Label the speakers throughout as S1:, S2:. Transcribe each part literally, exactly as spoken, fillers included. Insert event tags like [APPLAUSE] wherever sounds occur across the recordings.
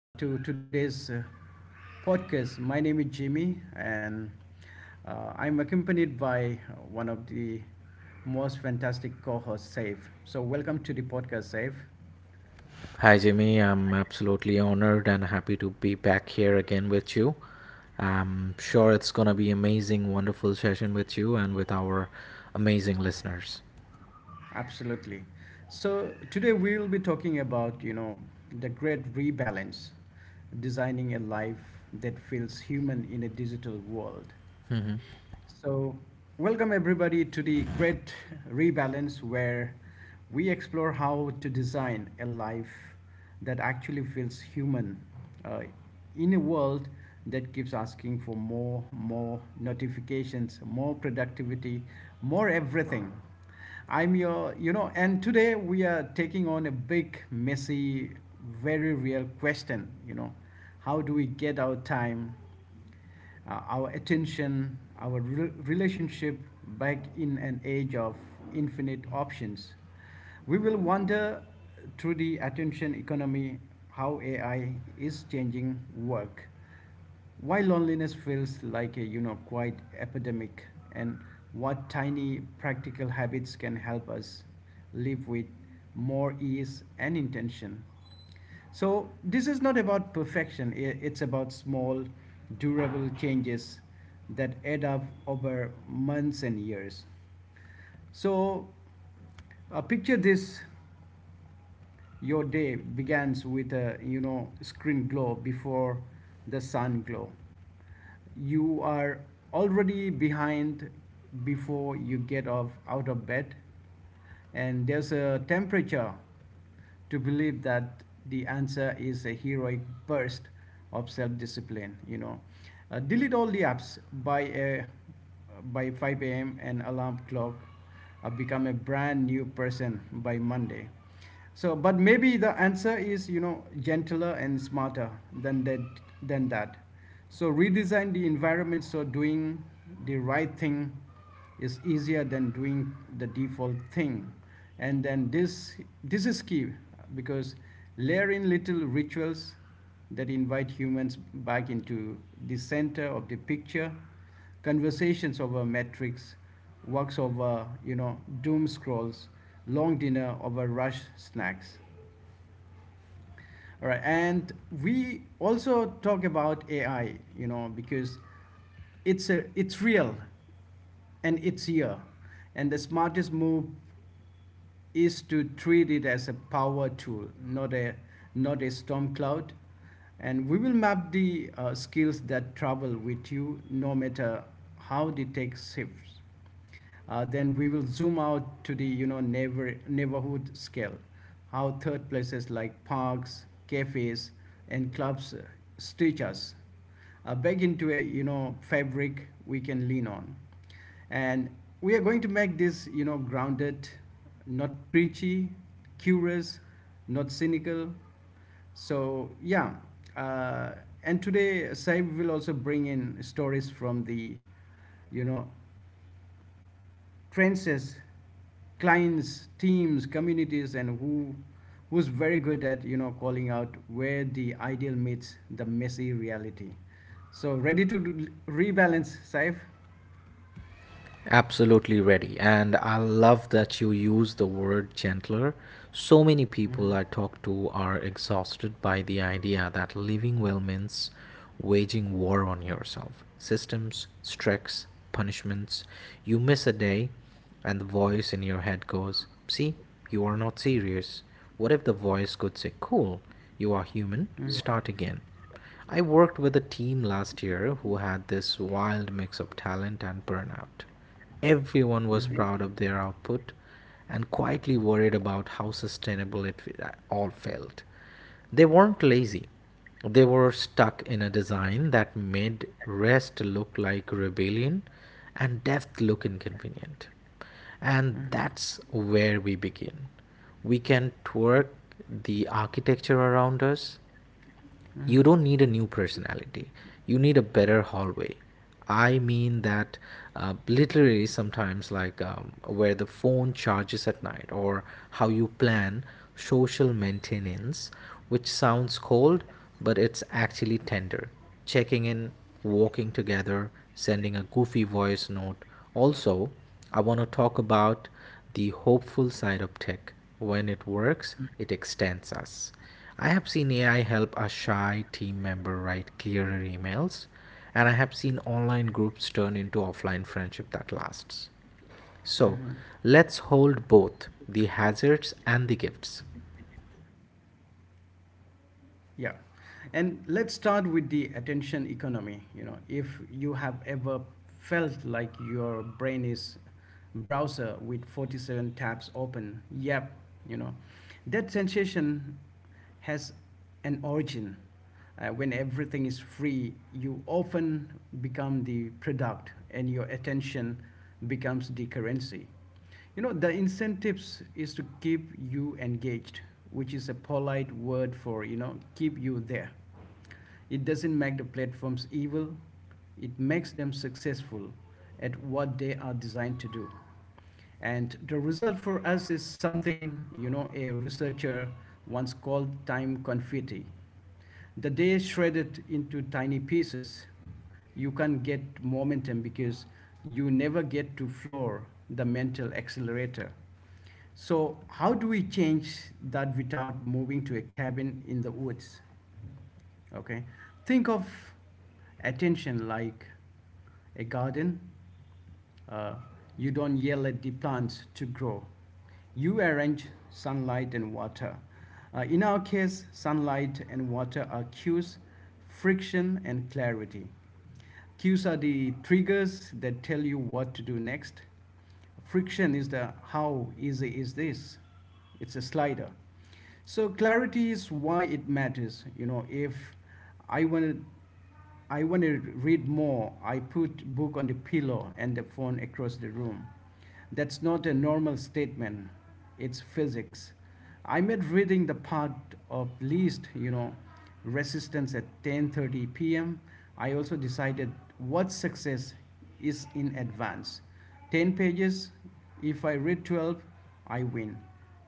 S1: uh, to today's uh, podcast. My name is Jimmy, and uh, I'm accompanied by uh, one of the most fantastic co hosts, Saif. So, welcome to the podcast, Saif.
S2: Hi, Jimmy. I'm absolutely honored and happy to be back here again with you. I'm sure it's going to be amazing, wonderful session with you and with our amazing listeners.
S1: Absolutely. So, today we will be talking about, you know, the great rebalance, designing a life that feels human in a digital world.
S2: Mhm.
S1: So, welcome everybody to the Great Rebalance, where we explore how to design a life that actually feels human uh, in a world that keeps asking for more, more notifications, more productivity, more everything. I'm your, you know, and today we are taking on a big, messy, very real question, you know. How do we get our time uh, our attention, our re- relationship back in an age of infinite options. We will wonder through the attention economy, how A I is changing work, why loneliness feels like a, you know, quite epidemic, and what tiny practical habits can help us live with more ease and intention. So this is not about perfection. It's about small, durable changes that add up over months and years. So uh, picture this, your day begins with a, you know, screen glow before the sun glow. You are already behind before you get off out of bed, and there's a temperature to believe that the answer is a heroic burst of self-discipline, you know, uh, delete all the apps by a by five a m and alarm clock, uh, become a brand new person by Monday. So, but maybe the answer is, you know, gentler and smarter than that than that. So redesign the environment so doing the right thing is easier than doing the default thing. And then this this is key, because layer in little rituals that invite humans back into the center of the picture, conversations over metrics, works over, you know, doom scrolls, long dinner over rush snacks, all right. And we also talk about ai, you know, because it's a it's real and it's here, and the smartest move is to treat it as a power tool, not a not a storm cloud. And we will map the uh, skills that travel with you no matter how the tech shifts. Uh, then we will zoom out to the, you know, neighbor, neighborhood scale, how third places like parks, cafes, and clubs uh, stitch us uh, back into a, you know, fabric we can lean on. And we are going to make this, you know, grounded, not preachy, curious, not cynical. So yeah, uh, and today Saib will also bring in stories from the, you know, trenches, clients, teams, communities, and who who's very good at, you know, calling out where the ideal meets the messy reality. So ready to re- rebalance, Saif?
S2: Absolutely ready. And I love that you use the word gentler. So many people
S1: Hmm.
S2: I talk to are exhausted by the idea that living well means waging war on yourself. Systems, strikes, punishments. You miss a day, and the voice in your head goes, See, you are not serious. What if the voice could say, Cool, you are human, start again? I worked with a team last year who had this wild mix of talent and burnout. Everyone was proud of their output and quietly worried about how sustainable it all felt. They weren't lazy. They were stuck in a design that made rest look like rebellion and depth look inconvenient. And that's where we begin. We can twerk the architecture around us. You don't need a new personality. You need a better hallway. I mean that uh, literally, sometimes, like, um, where the phone charges at night, or how you plan social maintenance, which sounds cold, but it's actually tender. Checking in, walking together, sending a goofy voice note. Also, I want to talk about the hopeful side of tech. When it works, it extends us. I have seen A I help a shy team member write clearer emails, and I have seen online groups turn into offline friendship that lasts. So,
S1: Hmm.
S2: let's hold both the hazards and the gifts.
S1: Yeah. And let's start with the attention economy. You know, if you have ever felt like your brain is browser with forty-seven tabs open, yep, you know, that sensation has an origin. Uh, when everything is free, you often become the product and your attention becomes the currency. You know, the incentives is to keep you engaged, which is a polite word for, you know, keep you there. It doesn't make the platforms evil, it makes them successful at what they are designed to do. And the result for us is something, you know, a researcher once called time confetti. The day is shredded into tiny pieces. You can't get momentum because you never get to floor the mental accelerator. So how do we change that without moving to a cabin in the woods? Okay, think of attention like a garden. Uh, you don't yell at the plants to grow. You arrange sunlight and water. Uh, in our case, sunlight and water are cues, friction and clarity. Cues are the triggers that tell you what to do next. Friction is the how easy is this? It's a slider. So clarity is why it matters, you know. If I wanted. I want to read more, I put book on the pillow and the phone across the room. That's not a normal statement. It's physics. I made reading the part of least, you know, resistance at ten thirty p m. I also decided what success is in advance. ten pages, if I read twelve, I win.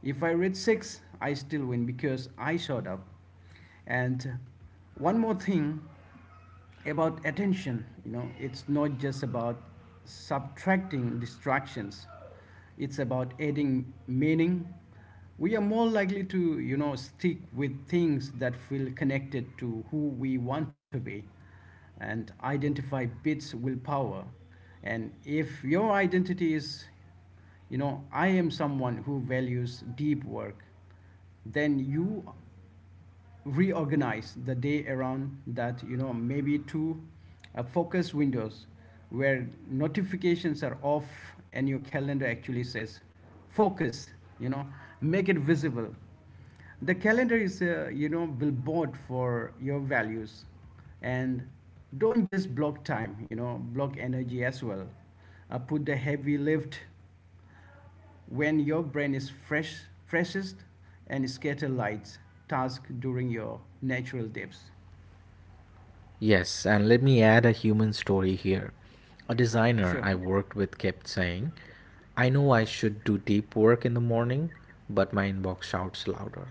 S1: If I read six, I still win because I showed up. And one more thing about attention, you know, it's not just about subtracting distractions, it's about adding meaning. We are more likely to, you know, stick with things that feel connected to who we want to be and identify bits willpower. And if your identity is, you know, I am someone who values deep work, then you reorganize the day around that, you know, maybe two uh, focus windows where notifications are off and your calendar actually says focus, you know. Make it visible. The calendar is a, you know, billboard for your values. And don't just block time, you know, block energy as well. Uh, put the heavy lift when your brain is fresh, freshest, and scatter light task during your natural dips.
S2: Yes, and let me add a human story here. A designer
S1: Sure.
S2: I worked with kept saying, I know I should do deep work in the morning, but my inbox shouts louder.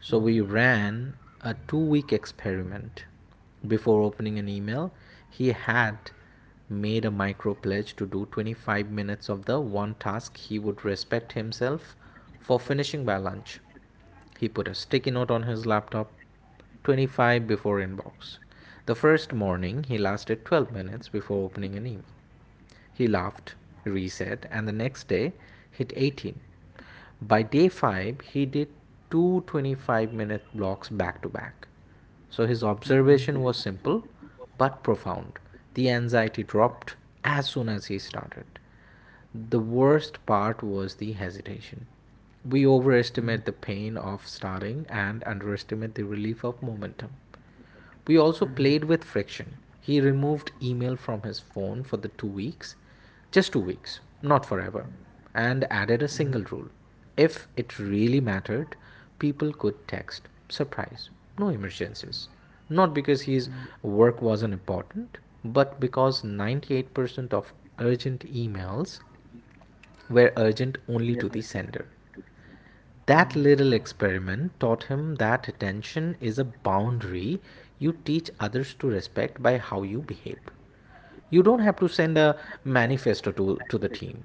S2: So we ran a two week experiment. Before opening an email, he had made a micro pledge to do twenty-five minutes of the one task he would respect himself for finishing by lunch. He put a sticky note on his laptop: twenty-five before inbox. The first morning, he lasted twelve minutes before opening an email. He laughed, reset, and the next day hit eighteen. By day five, he did two twenty-five minute blocks back to back. So his observation was simple but profound. The anxiety dropped as soon as he started. The worst part was the hesitation. We overestimate the pain of starting and underestimate the relief of momentum. We also played with friction. He removed email from his phone for the two weeks, just two weeks, not forever, and added a single rule. If it really mattered, people could text. Surprise, no emergencies. Not because his work wasn't important, but because ninety-eight percent of urgent emails were urgent
S1: Yeah,
S2: only to
S1: that's
S2: the
S1: it.
S2: sender. That little experiment taught him that attention is a boundary you teach others to respect by how you behave. You don't have to send a manifesto to, to the team.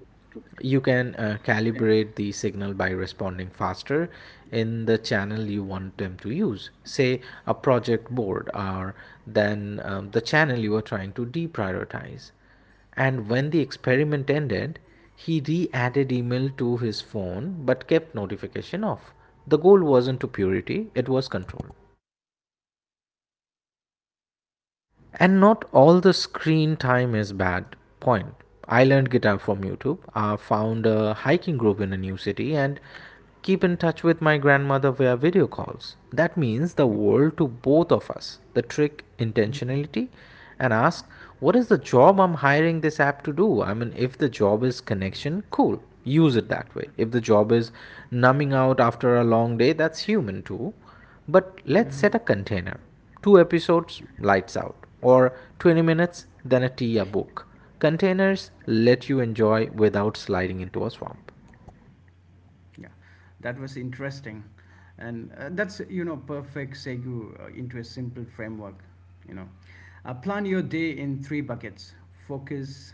S2: You can uh, calibrate the signal by responding faster in the channel you want them to use, say a project board, or then um, the channel you are trying to deprioritize. And when the experiment ended, he re added email to his phone but kept notification off. The goal wasn't to purity, it was control. And not all the screen time is bad. Point. I learned guitar from YouTube. I found a hiking group in a new city and keep in touch with my grandmother via video calls. That means the world to both of us. The trick: intentionality, and ask what is the job I'm hiring this app to do? I mean, if the job is connection, cool. Use it that way. If the job is numbing out after a long day, that's human too. But let's set
S1: Hmm.
S2: a container: two episodes, lights out, or twenty minutes, then a tea, a book. Containers let you enjoy without sliding into a swamp.
S1: Yeah, that was interesting, and uh, that's, you know, perfect segue uh, into a simple framework. You know, uh, plan your day in three buckets: focus,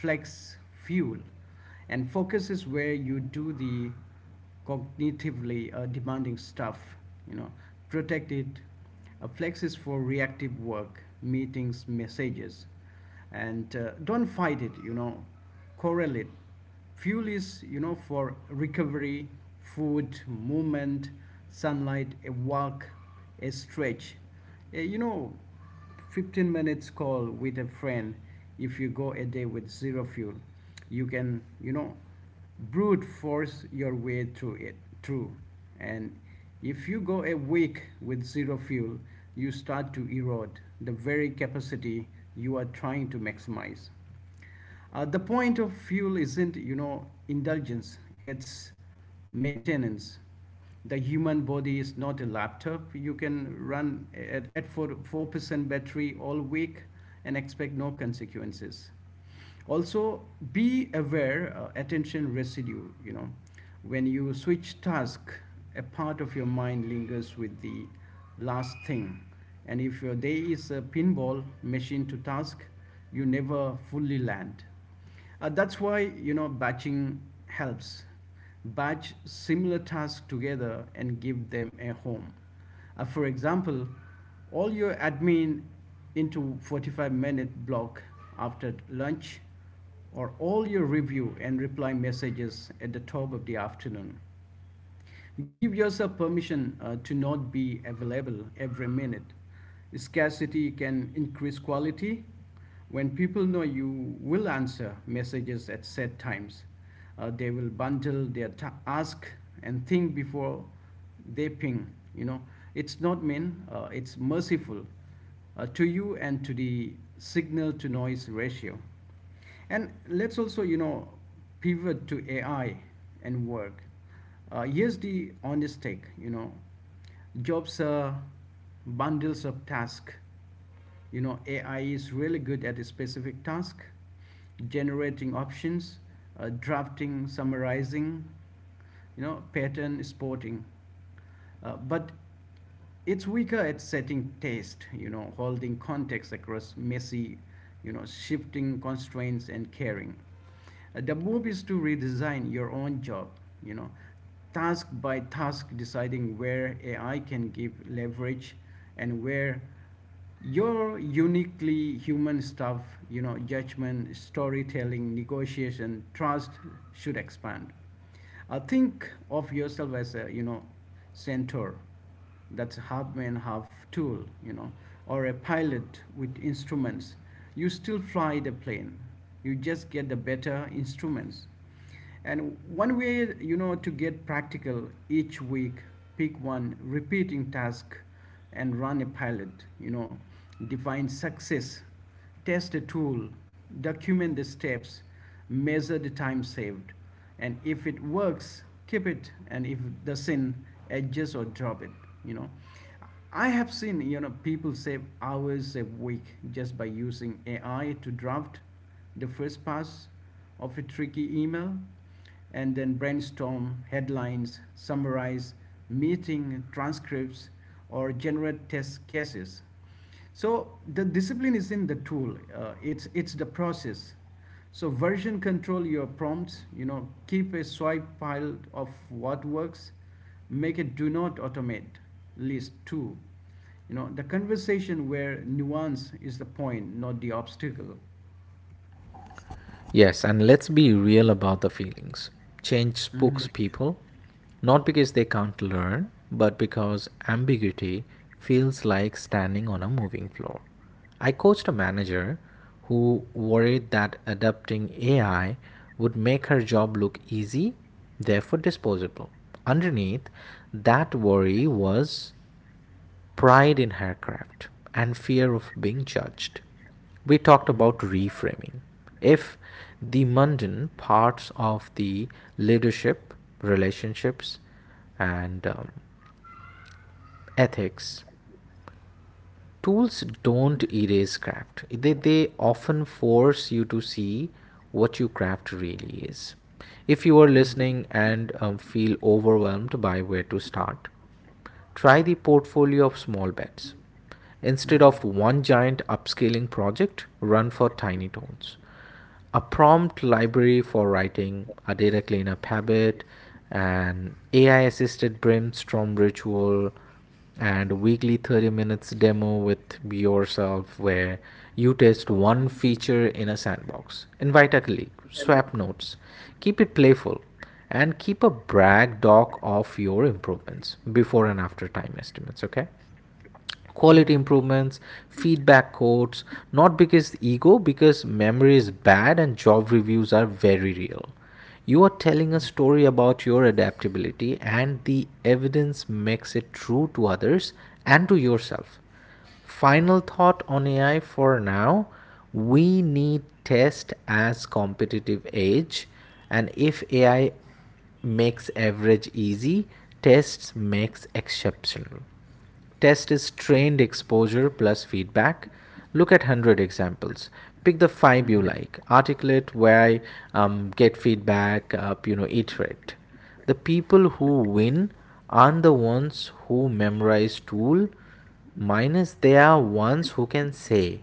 S1: flex, fuel. And focus is where you do the cognitively uh, demanding stuff. You know, protect it. A Flex is for reactive work, meetings, messages, and uh, don't fight it, you know, correlate. Fuel is, you know, for recovery, food, movement, sunlight, a walk, a stretch. Uh, you know, fifteen minutes call with a friend. If you go a day with zero fuel, you can, you know, brute force your way through it through. And if you go a week with zero fuel, you start to erode the very capacity you are trying to maximize. Uh, the point of fuel isn't, you know, indulgence, it's maintenance. The human body is not a laptop you can run at, at four, four percent battery all week and expect no consequences. Also, be aware, uh, attention residue, you know, when you switch task, a part of your mind lingers with the last thing, and if your day is a pinball machine to task, you never fully land. Uh, that's why, you know, batching helps. Batch similar tasks together and give them a home. Uh, for example, all your admin into forty-five minute block after lunch, or all your review and reply messages at the top of the afternoon. Give yourself permission uh, to not be available every minute. Scarcity can increase quality. When people know you will answer messages at set times, uh, they will bundle their ask and think before they ping. You know, it's not mean, uh, it's merciful uh, to you and to the signal to noise ratio. And let's also, you know, pivot to A I and work. Uh, here's the honest take, you know, jobs are bundles of tasks. You know, A I is really good at a specific task, generating options, uh, drafting, summarizing, you know, pattern spotting. Uh, but it's weaker at setting taste, you know, holding context across messy, you know, shifting constraints and caring. Uh, The move is to redesign your own job, you know, task by task, deciding where A I can give leverage and where your uniquely human stuff, you know, judgment, storytelling, negotiation, trust should expand. I think of yourself as a, you know, centaur that's half man, half tool, you know, or a pilot with instruments. You still fly the plane, you just get the better instruments. And one way, you know, to get practical each week, pick one repeating task and run a pilot, you know, define success, test a tool, document the steps, measure the time saved. And if it works, keep it. And if it doesn't, adjust or drop it, you know. I have seen, you know, people save hours a week just by using A I to draft the first pass of a tricky email, and then brainstorm headlines, summarize meeting transcripts, or generate test cases. So the discipline is in the tool. Uh, it's it's the process. So version control your prompts. You know, keep a swipe pile of what works. Make a do not automate list too. You know, the conversation where nuance is the point, not the obstacle.
S2: Yes, and let's be real about the feelings. Change spooks
S1: Mhm.
S2: people, not because they can't learn, but because ambiguity feels like standing on a moving floor. I coached a manager who worried that adopting A I would make her job look easy, therefore disposable. Underneath, that worry was pride in her craft, and fear of being judged. We talked about reframing. If the mundane parts of the leadership, relationships, and um, ethics tools don't erase craft, they, they often force you to see what your craft really is. If you are listening and um, feel overwhelmed by where to start, try the portfolio of small bets. Instead of one giant upscaling project, run for tiny tones. A prompt library for writing, a data cleanup habit, an A I assisted brainstorm ritual, and weekly thirty minutes demo with yourself where you test one feature in a sandbox. Invite a colleague, swap notes, keep it playful, and keep a brag doc of your improvements before and after time estimates, okay? Quality
S1: Mhm.
S2: improvements, feedback codes, not because ego, because memory is bad and job reviews are very real. You are telling a story about your adaptability and the evidence makes it true to others and to yourself. Final thought on AI for now: we need test as competitive edge, and if AI makes average easy, tests makes exceptional. Test is trained exposure plus feedback. Look at a hundred examples. Pick the five you like. Articulate why, um, get feedback, uh, you know, iterate. The people who win aren't the ones who memorize tool, minus they are ones who can say,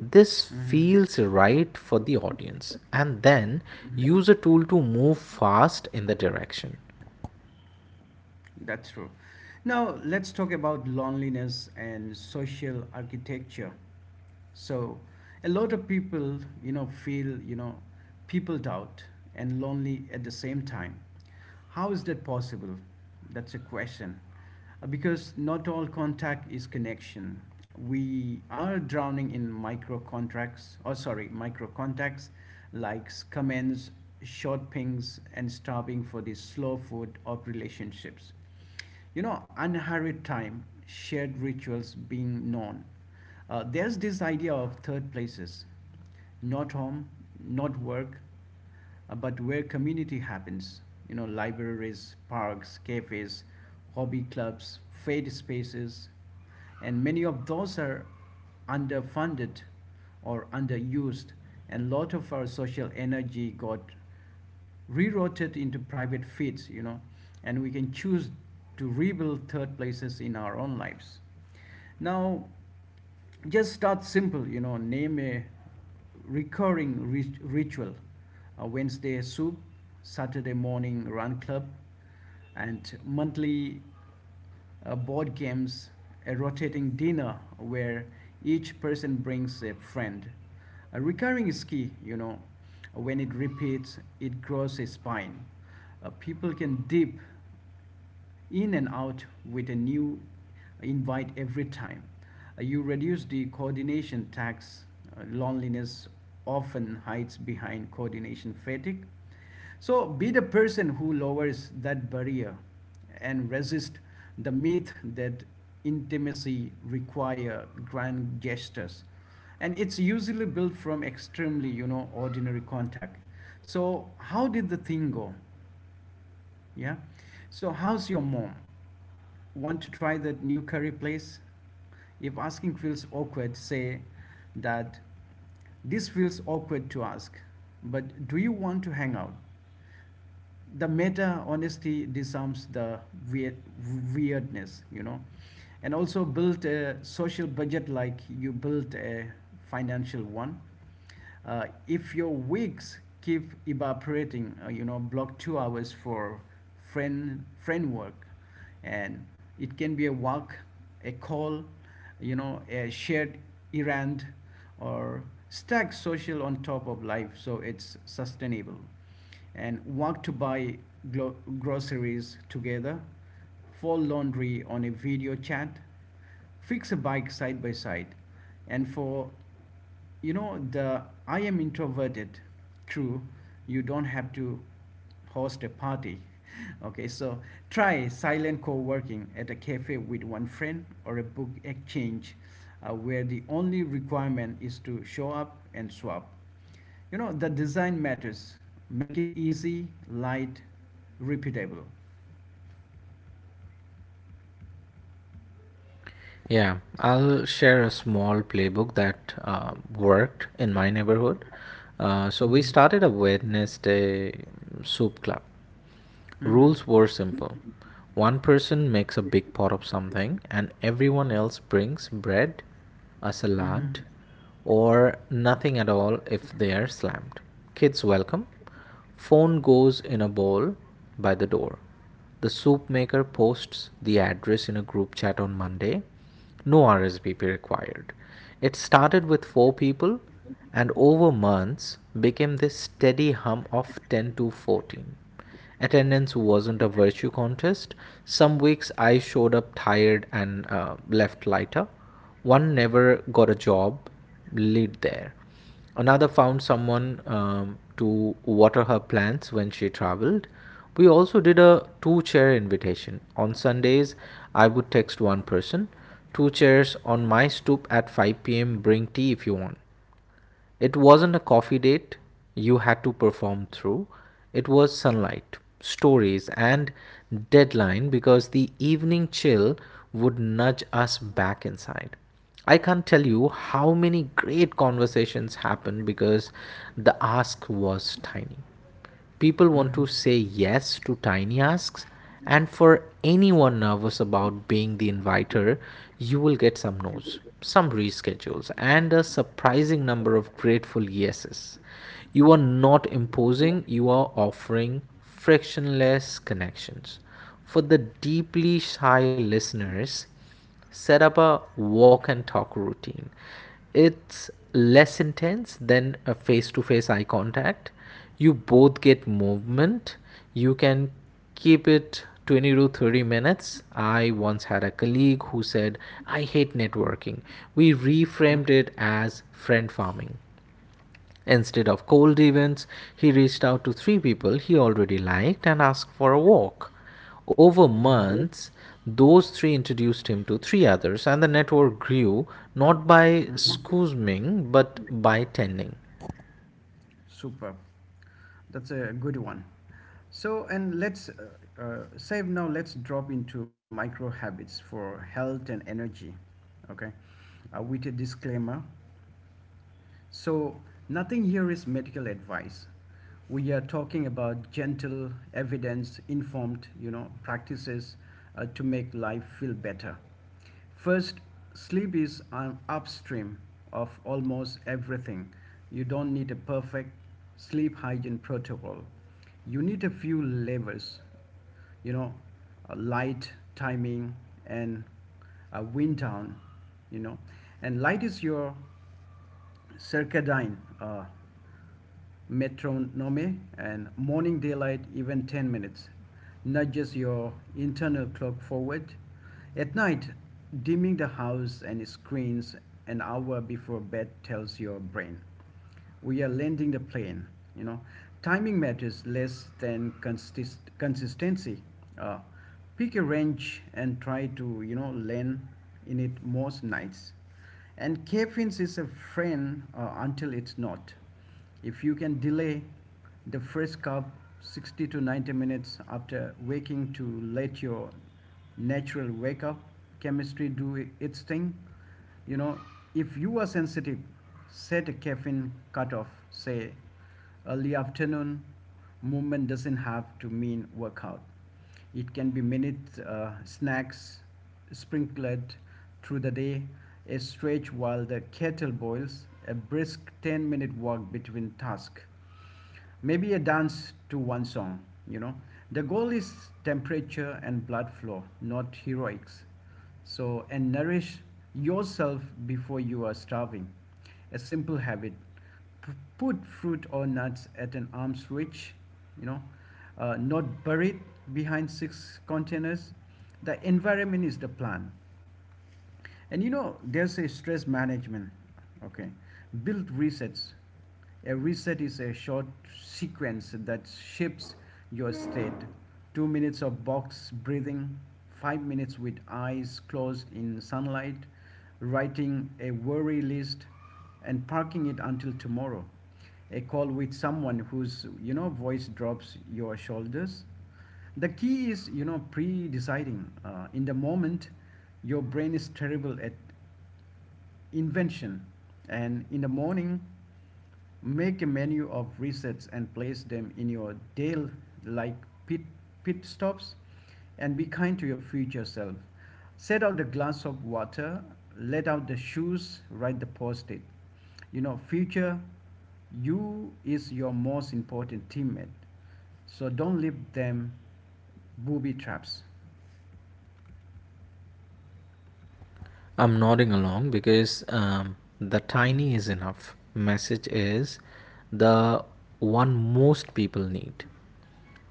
S2: this feels right for the audience, and then use a tool to move fast in the direction.
S1: That's true. Now, let's talk about loneliness and social architecture. So, a lot of people, you know, feel, you know, peopled out and lonely at the same time. How is that possible? That's a question. Uh, Because not all contact is connection. We are drowning in micro contracts, or sorry, micro contacts, likes, comments, short pings, and starving for the slow food of relationships, you know, unhurried time, shared rituals, being known. Uh, there's this idea of third places, not home, not work, uh, but where community happens, you know, libraries, parks, cafes, hobby clubs, faith spaces. And many of those are underfunded or underused, and a lot of our social energy got reroute it into private feeds, you know, and we can choose to rebuild third places in our own lives. Now, just start simple, you know, name a recurring rit- ritual, a Wednesday soup, Saturday morning run club, and monthly uh, board games, a rotating dinner where each person brings a friend. A recurring is key, you know. When it repeats, it grows a spine. Uh, people can dip in and out with a new invite every time. Uh, you reduce the coordination tax. Uh, loneliness often hides behind coordination fatigue. So be the person who lowers that barrier and resist the myth that intimacy require grand gestures, and it's usually built from extremely, you know ordinary contact. So how did the thing go? Yeah. So how's your mom? Want to try that new curry place? If asking feels awkward, say that this feels awkward to ask, but do you want to hang out? The meta honesty disarms the weird, weirdness, you know. And also build a social budget like you built a financial one. Uh, if your weeks keep evaporating, uh, you know, block two hours for friend friend work, and it can be a walk, a call, you know, a shared errand, or stack social on top of life, so it's sustainable. And want to buy groceries together, fold laundry on a video chat, fix a bike side by side. And for, you know the I am introverted crew, you don't have to host a party. [LAUGHS] Okay, so try silent co-working at a cafe with one friend or a book exchange, uh, where the only requirement is to show up and swap. You know, the design matters. Make it easy, light, repeatable.
S2: Yeah, I'll share a small playbook that uh, worked in my neighborhood. Uh, so we started a Wednesday soup club.
S1: Hmm.
S2: Rules were simple. One person makes a big pot of something, and everyone else brings bread, a
S1: Hmm.
S2: salad, or nothing at all if they are slammed. Kids welcome. Phone goes in a bowl by the door. The soup maker posts the address in a group chat on Monday. No R S V P required. It started with four people and over months became this steady hum of ten to fourteen. Attendance wasn't a virtue contest. Some weeks I showed up tired and uh, left lighter. One never got a job lead there. Another found someone um, to water her plants when she traveled. We also did a two chair invitation. On Sundays, I would text one person, two chairs on my stoop at five p m, bring tea if you want. It wasn't a coffee date you had to perform through, it was sunlight, stories, and deadline because the evening chill would nudge us back inside. I can't tell you how many great conversations happened because the ask was tiny. People want to say yes to tiny asks, and for anyone nervous about being the inviter, you will get some no's, some reschedules, and a surprising number of grateful yeses. You are not imposing, you are offering frictionless connections. For the deeply shy listeners, set up a walk and talk routine. It's less intense than a face to face eye contact. You both get movement. You can keep it twenty to thirty minutes. I once had a colleague who said, I hate networking. We reframed it as friend farming. Instead of cold events, he reached out to three people he already liked and asked for a walk. Over months, those three introduced him to three others, and the network grew not by
S1: Hmm.
S2: scoosming but by tending.
S1: Super. That's a good one. So, and let's uh, uh, save now, let's drop into micro habits for health and energy. Okay. Uh, with a disclaimer. So, nothing here is medical advice. We are talking about gentle, evidence informed, you know, practices uh, to make life feel better. First, sleep is an upstream of almost everything. You don't need a perfect sleep hygiene protocol. You need a few levers, you know, uh, light, timing, and uh, wind down, you know. And light is your Circadian, uh, metronome, and morning daylight, even ten minutes, nudges your internal clock forward. At night, dimming the house and screens an hour before bed tells your brain we are landing the plane, you know. Timing matters less than consist- consistency uh, Pick a range and try to, you know, land in it most nights. And caffeine is a friend, uh, until it's not. If you can delay the first cup sixty to ninety minutes after waking, to let your natural wake up chemistry do its thing, you know, if you are sensitive, set a caffeine cutoff, say early afternoon. Movement doesn't have to mean workout. It can be minute uh, snacks sprinkled through the day, a stretch while the kettle boils, a brisk ten minute walk between tasks, maybe a dance to one song, you know. The goal is temperature and blood flow, not heroics. So, and nourish yourself before you are starving. A simple habit. P- put fruit or nuts at an arm's reach, you know, uh, not buried behind six containers. The environment is the plan. And, you know, there's a stress management, okay? Build resets. A reset is a short sequence that shifts your state. Two minutes of box breathing, five minutes with eyes closed in sunlight, writing a worry list and parking it until tomorrow. A call with someone whose, you know, voice drops your shoulders. The key is, you know, pre-deciding. Uh, in the moment, your brain is terrible at invention, and in the morning, make a menu of resets and place them in your day like pit, pit stops, and be kind to your future self. Set out the glass of water, let out the shoes, write the post it. You know, future you is your most important teammate. So don't leave them booby traps.
S2: I'm nodding along because um, the tiny is enough. Message is the one most people need.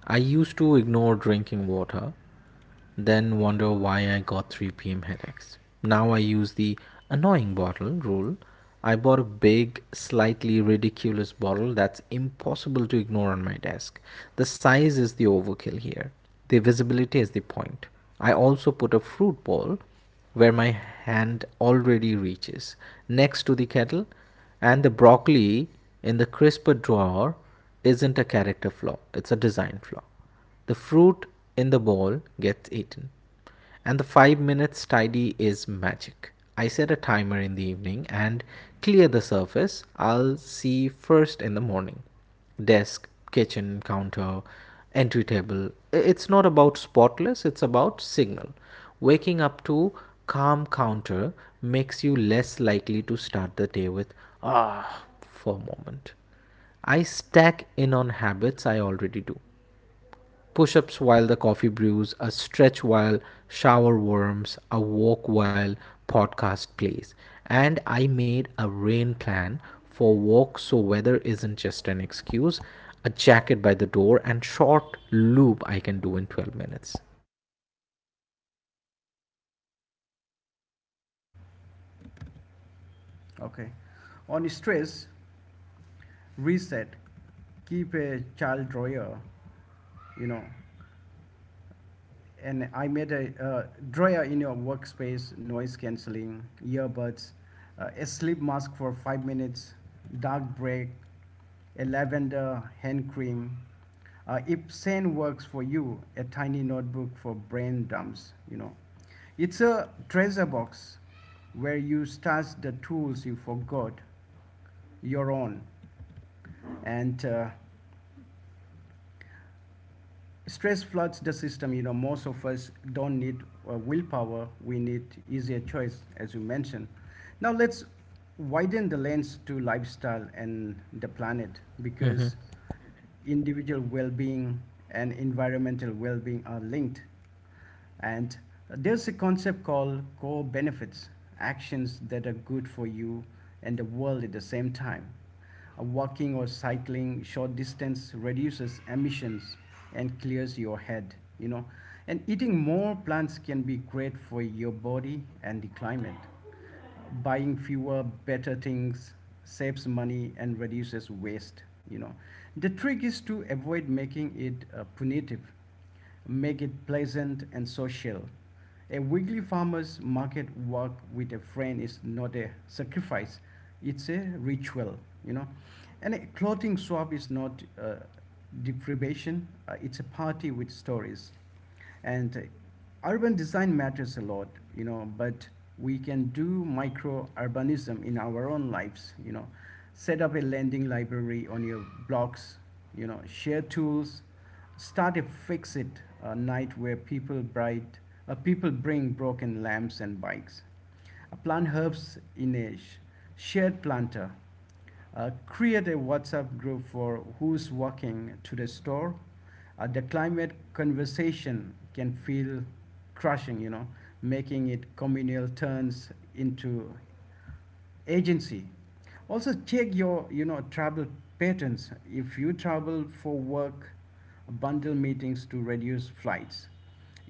S2: I used to ignore drinking water, then wonder why I got three p m headaches. Now I use the annoying bottle rule. I bought a big, slightly ridiculous bottle that's impossible to ignore on my desk. The size is the overkill here. The visibility is the point. I also put a fruit bowl where my hand already reaches, next to the kettle, and the broccoli in the crisper drawer isn't a character flaw, it's a design flaw. The fruit in the bowl gets eaten. And the five minutes tidy is magic. I set a timer in the evening and clear the surface I'll see first in the morning. Desk, kitchen, counter, entry table. It's not about spotless, it's about signal. Waking up to calm counter makes you less likely to start the day with ah for a moment. I stack in on habits I already do: push ups while the coffee brews, a stretch while shower warms, a walk while podcast plays. And I made a rain plan for walk so weather isn't just an excuse, a jacket by the door, and short loop I can do in twelve minutes.
S1: Okay. On stress, reset, keep a child drawer, you know. And I made a uh, drawer in your workspace, noise cancelling, earbuds, uh, a sleep mask for five minutes, dark break, a lavender hand cream. Uh, if Sen works for you, a tiny notebook for brain dumps, you know. It's a treasure box where you stash the tools you forgot, your own. And uh, stress floods the system. You know, most of us don't need uh, willpower. We need easier choice, as you mentioned. Now let's widen the lens to lifestyle and the planet, because individual well-being and environmental well-being are linked. And there's a concept called core benefits, actions that are good for you and the world at the same time. Uh, Walking or cycling short distance reduces emissions and clears your head, you know. And eating more plants can be great for your body and the climate. Buying fewer better things saves money and reduces waste, you know. The trick is to avoid making it uh, punitive. Make it pleasant and social. A weekly farmers market walk with a friend is not a sacrifice, it's a ritual, you know. And a clothing swap is not uh, deprivation, uh, it's a party with stories. And urban design matters a lot, you know, but we can do micro urbanism in our own lives, you know. Set up a lending library on your blocks, you know, share tools, start a fix it uh, night where people bright, uh, people bring broken lamps and bikes. Uh, plant herbs in a sh- shared planter. Uh, create a WhatsApp group for who's walking to the store. Uh, the climate conversation can feel crushing, you know. Making it communal turns into agency. Also check your, you know travel patterns. If you travel for work, bundle meetings to reduce flights.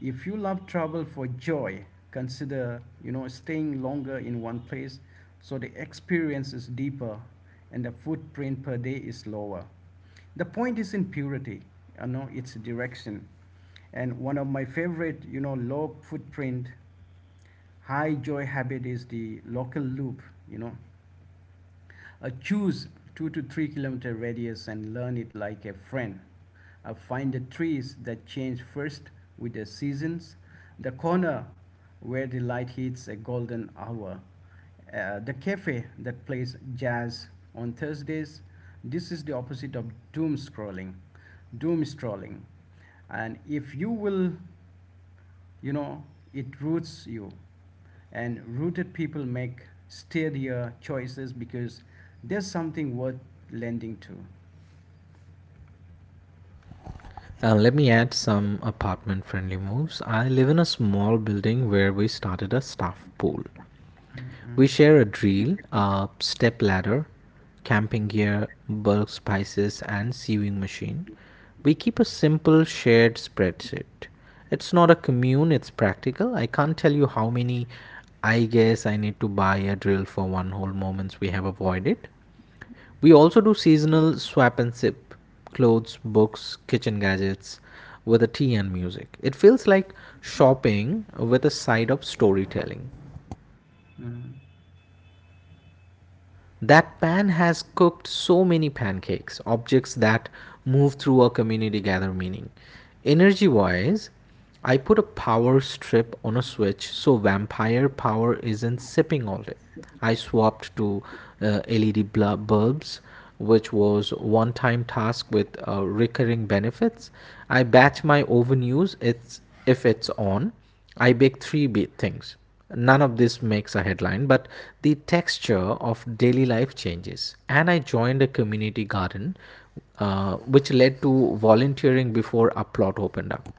S1: If you love travel for joy, consider, you know staying longer in one place, so the experience is deeper and the footprint per day is lower. The point is in purity, you know, its direction. And one of my favorite, you know, low footprint, high joy habit is the local loop, you know. Uh, choose two to three kilometer radius and learn it like a friend. Uh, find the trees that change first with the seasons, the corner where the light hits a golden hour, uh, the cafe that plays jazz on Thursdays. This is the opposite of doom scrolling, doom scrolling, and if you will, you know, it roots you, and rooted people make steadier choices because there's something worth lending to.
S2: Uh, let me add some apartment friendly moves. I live in a small building where we started a staff pool. We share a drill, a step ladder, camping gear, bulk spices, and sewing machine. We keep a simple shared spreadsheet. It's not a commune, it's practical. I can't tell you how many, I guess I need to buy a drill for one whole moments we have avoided. We also do seasonal swap and sip, clothes, books, kitchen gadgets with a tea and music. It feels like shopping with a side of storytelling.
S1: Mhm.
S2: That pan has cooked so many pancakes, objects that move through a community gather meaning. Energy wise, I put a power strip on a switch so vampire power isn't sipping all day. I swapped to uh, L E D bulbs, which was one time task with uh, recurring benefits. I batch my oven use, it's, if it's on I bake three things. None of this makes a headline, but the texture of daily life changes. And I joined a community garden, uh, which led to volunteering before Uplot opened up.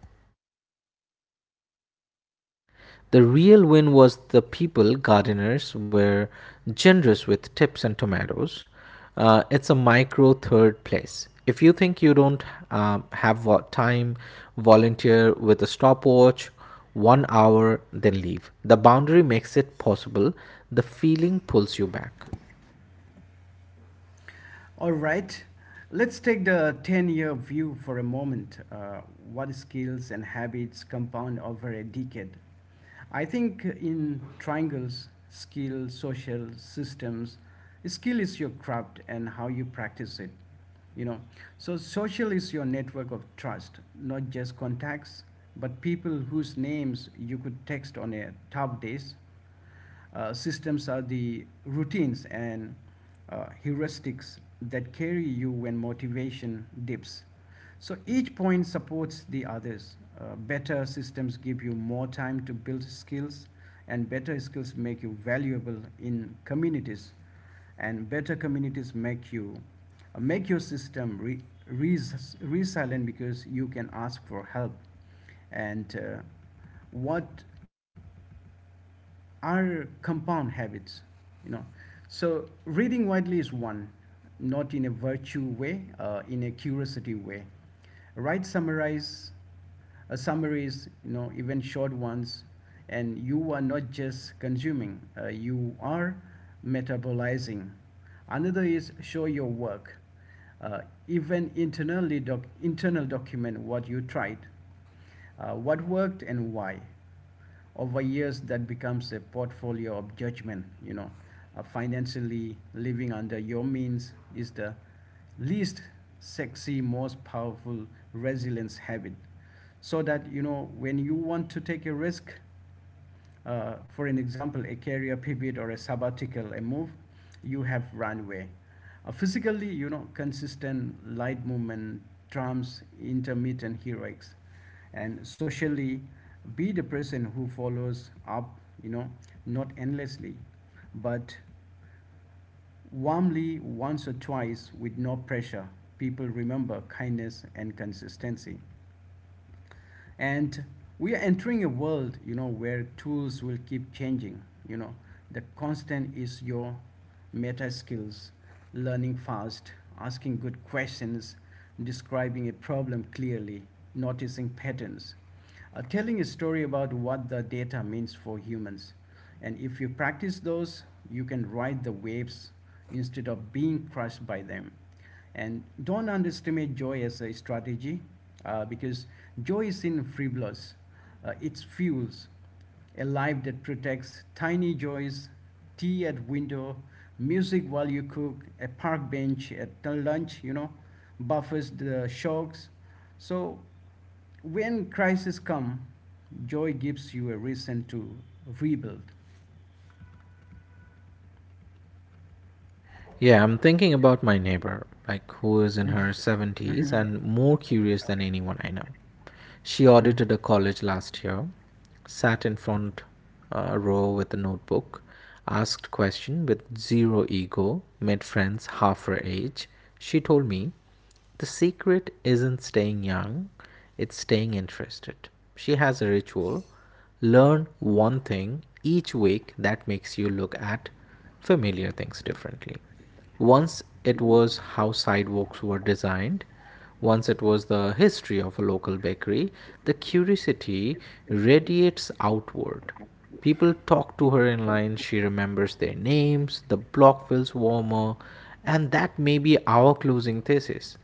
S2: The real win was the people, gardeners, were generous with tips and tomatoes. Uh, it's a micro third place. If you think you don't um, have vo- time, volunteer with a stopwatch, one hour, then leave. The boundary makes it possible, the feeling pulls you back.
S1: All right, let's take the ten year view for a moment. Uh, what skills and habits compound over a decade? I think in triangles, skill, social, systems. Skill is your craft and how you practice it, you know. So social is your network of trust, not just contacts, but people whose names you could text on a tough days. Uh, systems are the routines and uh, heuristics that carry you when motivation dips. So each point supports the others. Uh, better systems give you more time to build skills, and better skills make you valuable in communities, and better communities make you uh, make your system re- res- resilient because you can ask for help. And uh, what are compound habits, you know. So reading widely is one, not in a virtue way, uh, in a curiosity way. Write summarize uh, summaries, you know, even short ones, and you are not just consuming, uh, you are metabolizing. Another is show your work, uh, even internally, doc- internal document what you tried, uh, what worked and why. Over years that becomes a portfolio of judgment, you know. Uh, financially, living under your means is the least sexy, most powerful resilience habit, so that, you know, when you want to take a risk, uh, for an example a career pivot or a sabbatical, a move, you have runway. Uh, physically, you know, consistent light movement trumps intermittent heroics. And socially, be the person who follows up, you know, not endlessly, but warmly, once or twice, with no pressure. People remember kindness and consistency. And we are entering a world, you know, where tools will keep changing, you know. The constant is your meta skills, learning fast, asking good questions, describing a problem clearly, noticing patterns, uh, telling a story about what the data means for humans. And if you practice those, you can ride the waves instead of being crushed by them. And don't underestimate joy as a strategy, uh, because joy is in frivolous. Uh, it fuels a life that protects tiny joys, tea at window, music while you cook, a park bench at lunch, you know, buffers the shocks. So when crisis come, joy gives you a reason to rebuild.
S2: Yeah, I'm thinking about my neighbor, like, who is in her seventies and more curious than anyone I know. She audited a college last year, sat in front uh, row with a notebook, asked question with zero ego, made friends half her age. She told me the secret isn't staying young, it's staying interested. She has a ritual, learn one thing each week that makes you look at familiar things differently. Once it was how sidewalks were designed, once it was the history of a local bakery. The curiosity radiates outward. People talk to her in line, she remembers their names, the block feels warmer, and that may be our closing thesis.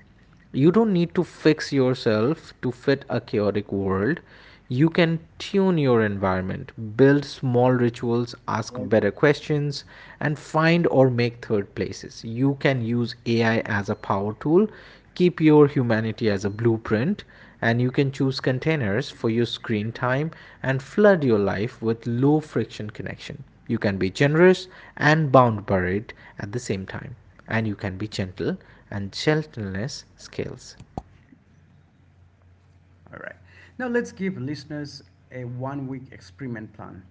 S2: You don't need to fix yourself to fit a chaotic world. You can tune your environment, build small rituals, ask better questions, and find or make third places. You can use A I as a power tool, keep your humanity as a blueprint, and you can choose containers for your screen time and flood your life with low friction connection. You can be generous and bound by it at the same time, and you can be gentle, and gentleness scales.
S1: All right. Now let's give listeners a one week experiment plan.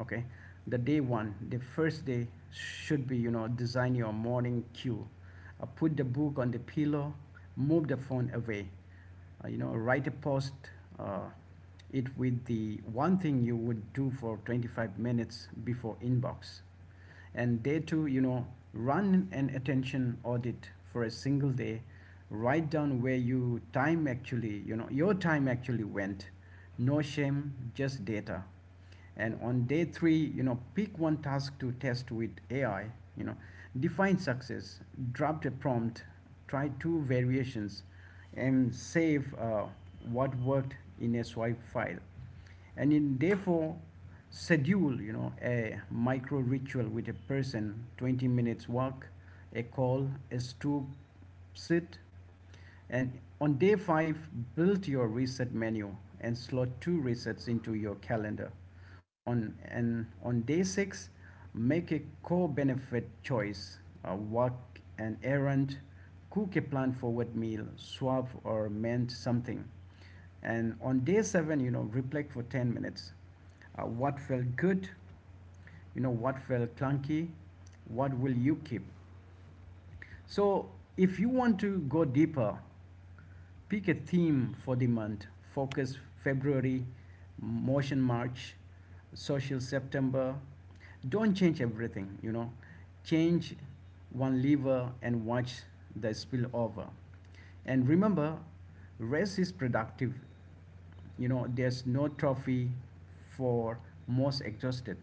S1: Okay. The day one, the first day should be, you know, design your morning cue. Uh, put the book on the pillow, move the phone away. Uh, you know, write a post. Uh, it with the one thing you would do for twenty-five minutes before inbox. And day two, you know, run an attention audit for a single day. Write down where you time actually you know your time actually went. No shame, just data. And on day three, you know, pick one task to test with a i, you know. Define success, drop a prompt, try two variations, and save uh, what worked in a swipe file. And in therefore, schedule, you know, a micro ritual with a person, twenty minutes walk, a call, a stoop sit. And on day five, build your reset menu and slot two resets into your calendar. On and on day six, make a core benefit choice, uh, walk an errand, cook a plan forward meal, swap or mend something. And on day seven, you know, reflect for ten minutes, uh, what felt good, you know, what felt clunky, what will you keep. So, if you want to go deeper, pick a theme for the month. Focus February, motion March, social September. Don't change everything, you know. Change one lever and watch the spill over. And remember, rest is productive, you know. There's no trophy for most exhausted.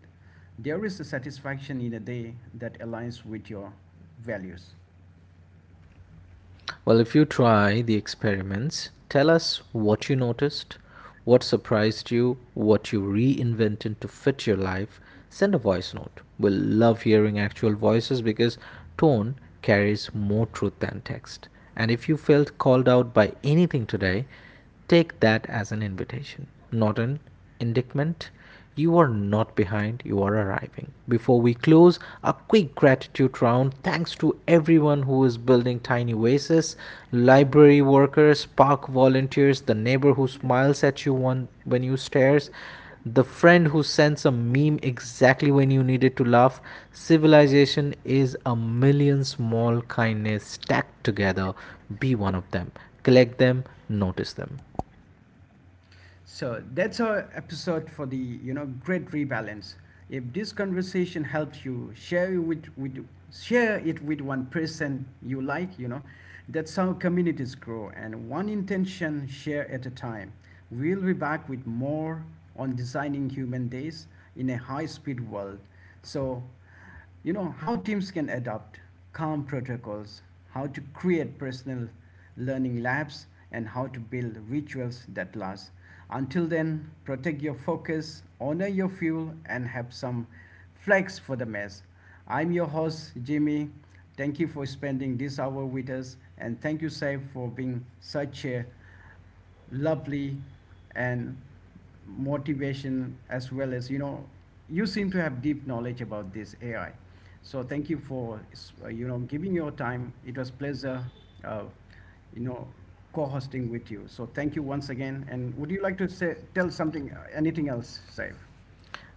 S1: There is a satisfaction in a day that aligns with your values.
S2: Well, if you try the experiments, tell us what you noticed, what surprised you, what you reinvented to fit your life. Send a voice note. We'll love hearing actual voices because tone carries more truth than text. And if you felt called out by anything today, take that as an invitation, not an indictment. You are not behind, you are arriving. Before we close, a quick gratitude round. Thanks to everyone who is building Tiny Oasis, library workers, park volunteers, the neighbor who smiles at you on, when you stare, the friend who sends a meme exactly when you needed to laugh. Civilization is a million small kindness stacked together. Be one of them, collect them, notice them.
S1: So that's our episode for the, you know, great rebalance. If this conversation helped you, share it with, with share it with one person you like, you know. That's how communities grow, and one intention share at a time. We'll be back with more on designing human days in a high speed world. So, you know, how teams can adopt calm protocols, how to create personal learning labs, and how to build rituals that last. Until then, protect your focus, honor your fuel, and have some flex for the mess. I'm your host, Jimmy. Thank you for spending this hour with us, and thank you, Saif, for being such a lovely and motivation, as well as, you know, you seem to have deep knowledge about this a i, so thank you for, uh, you know giving your time. It was pleasure, uh, you know co-hosting with you, so thank you once again. And would you like to say, tell something, anything else, safe?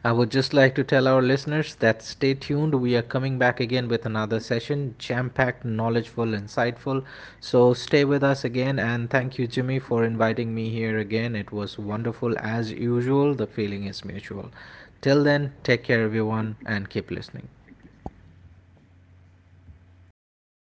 S2: I would just like to tell our listeners that stay tuned. We are coming back again with another session, jam packed, knowledgeful, insightful. So stay with us again. And thank you, Jimmy, for inviting me here again. It was wonderful as usual. The feeling is mutual. Till then, take care, everyone, and keep listening.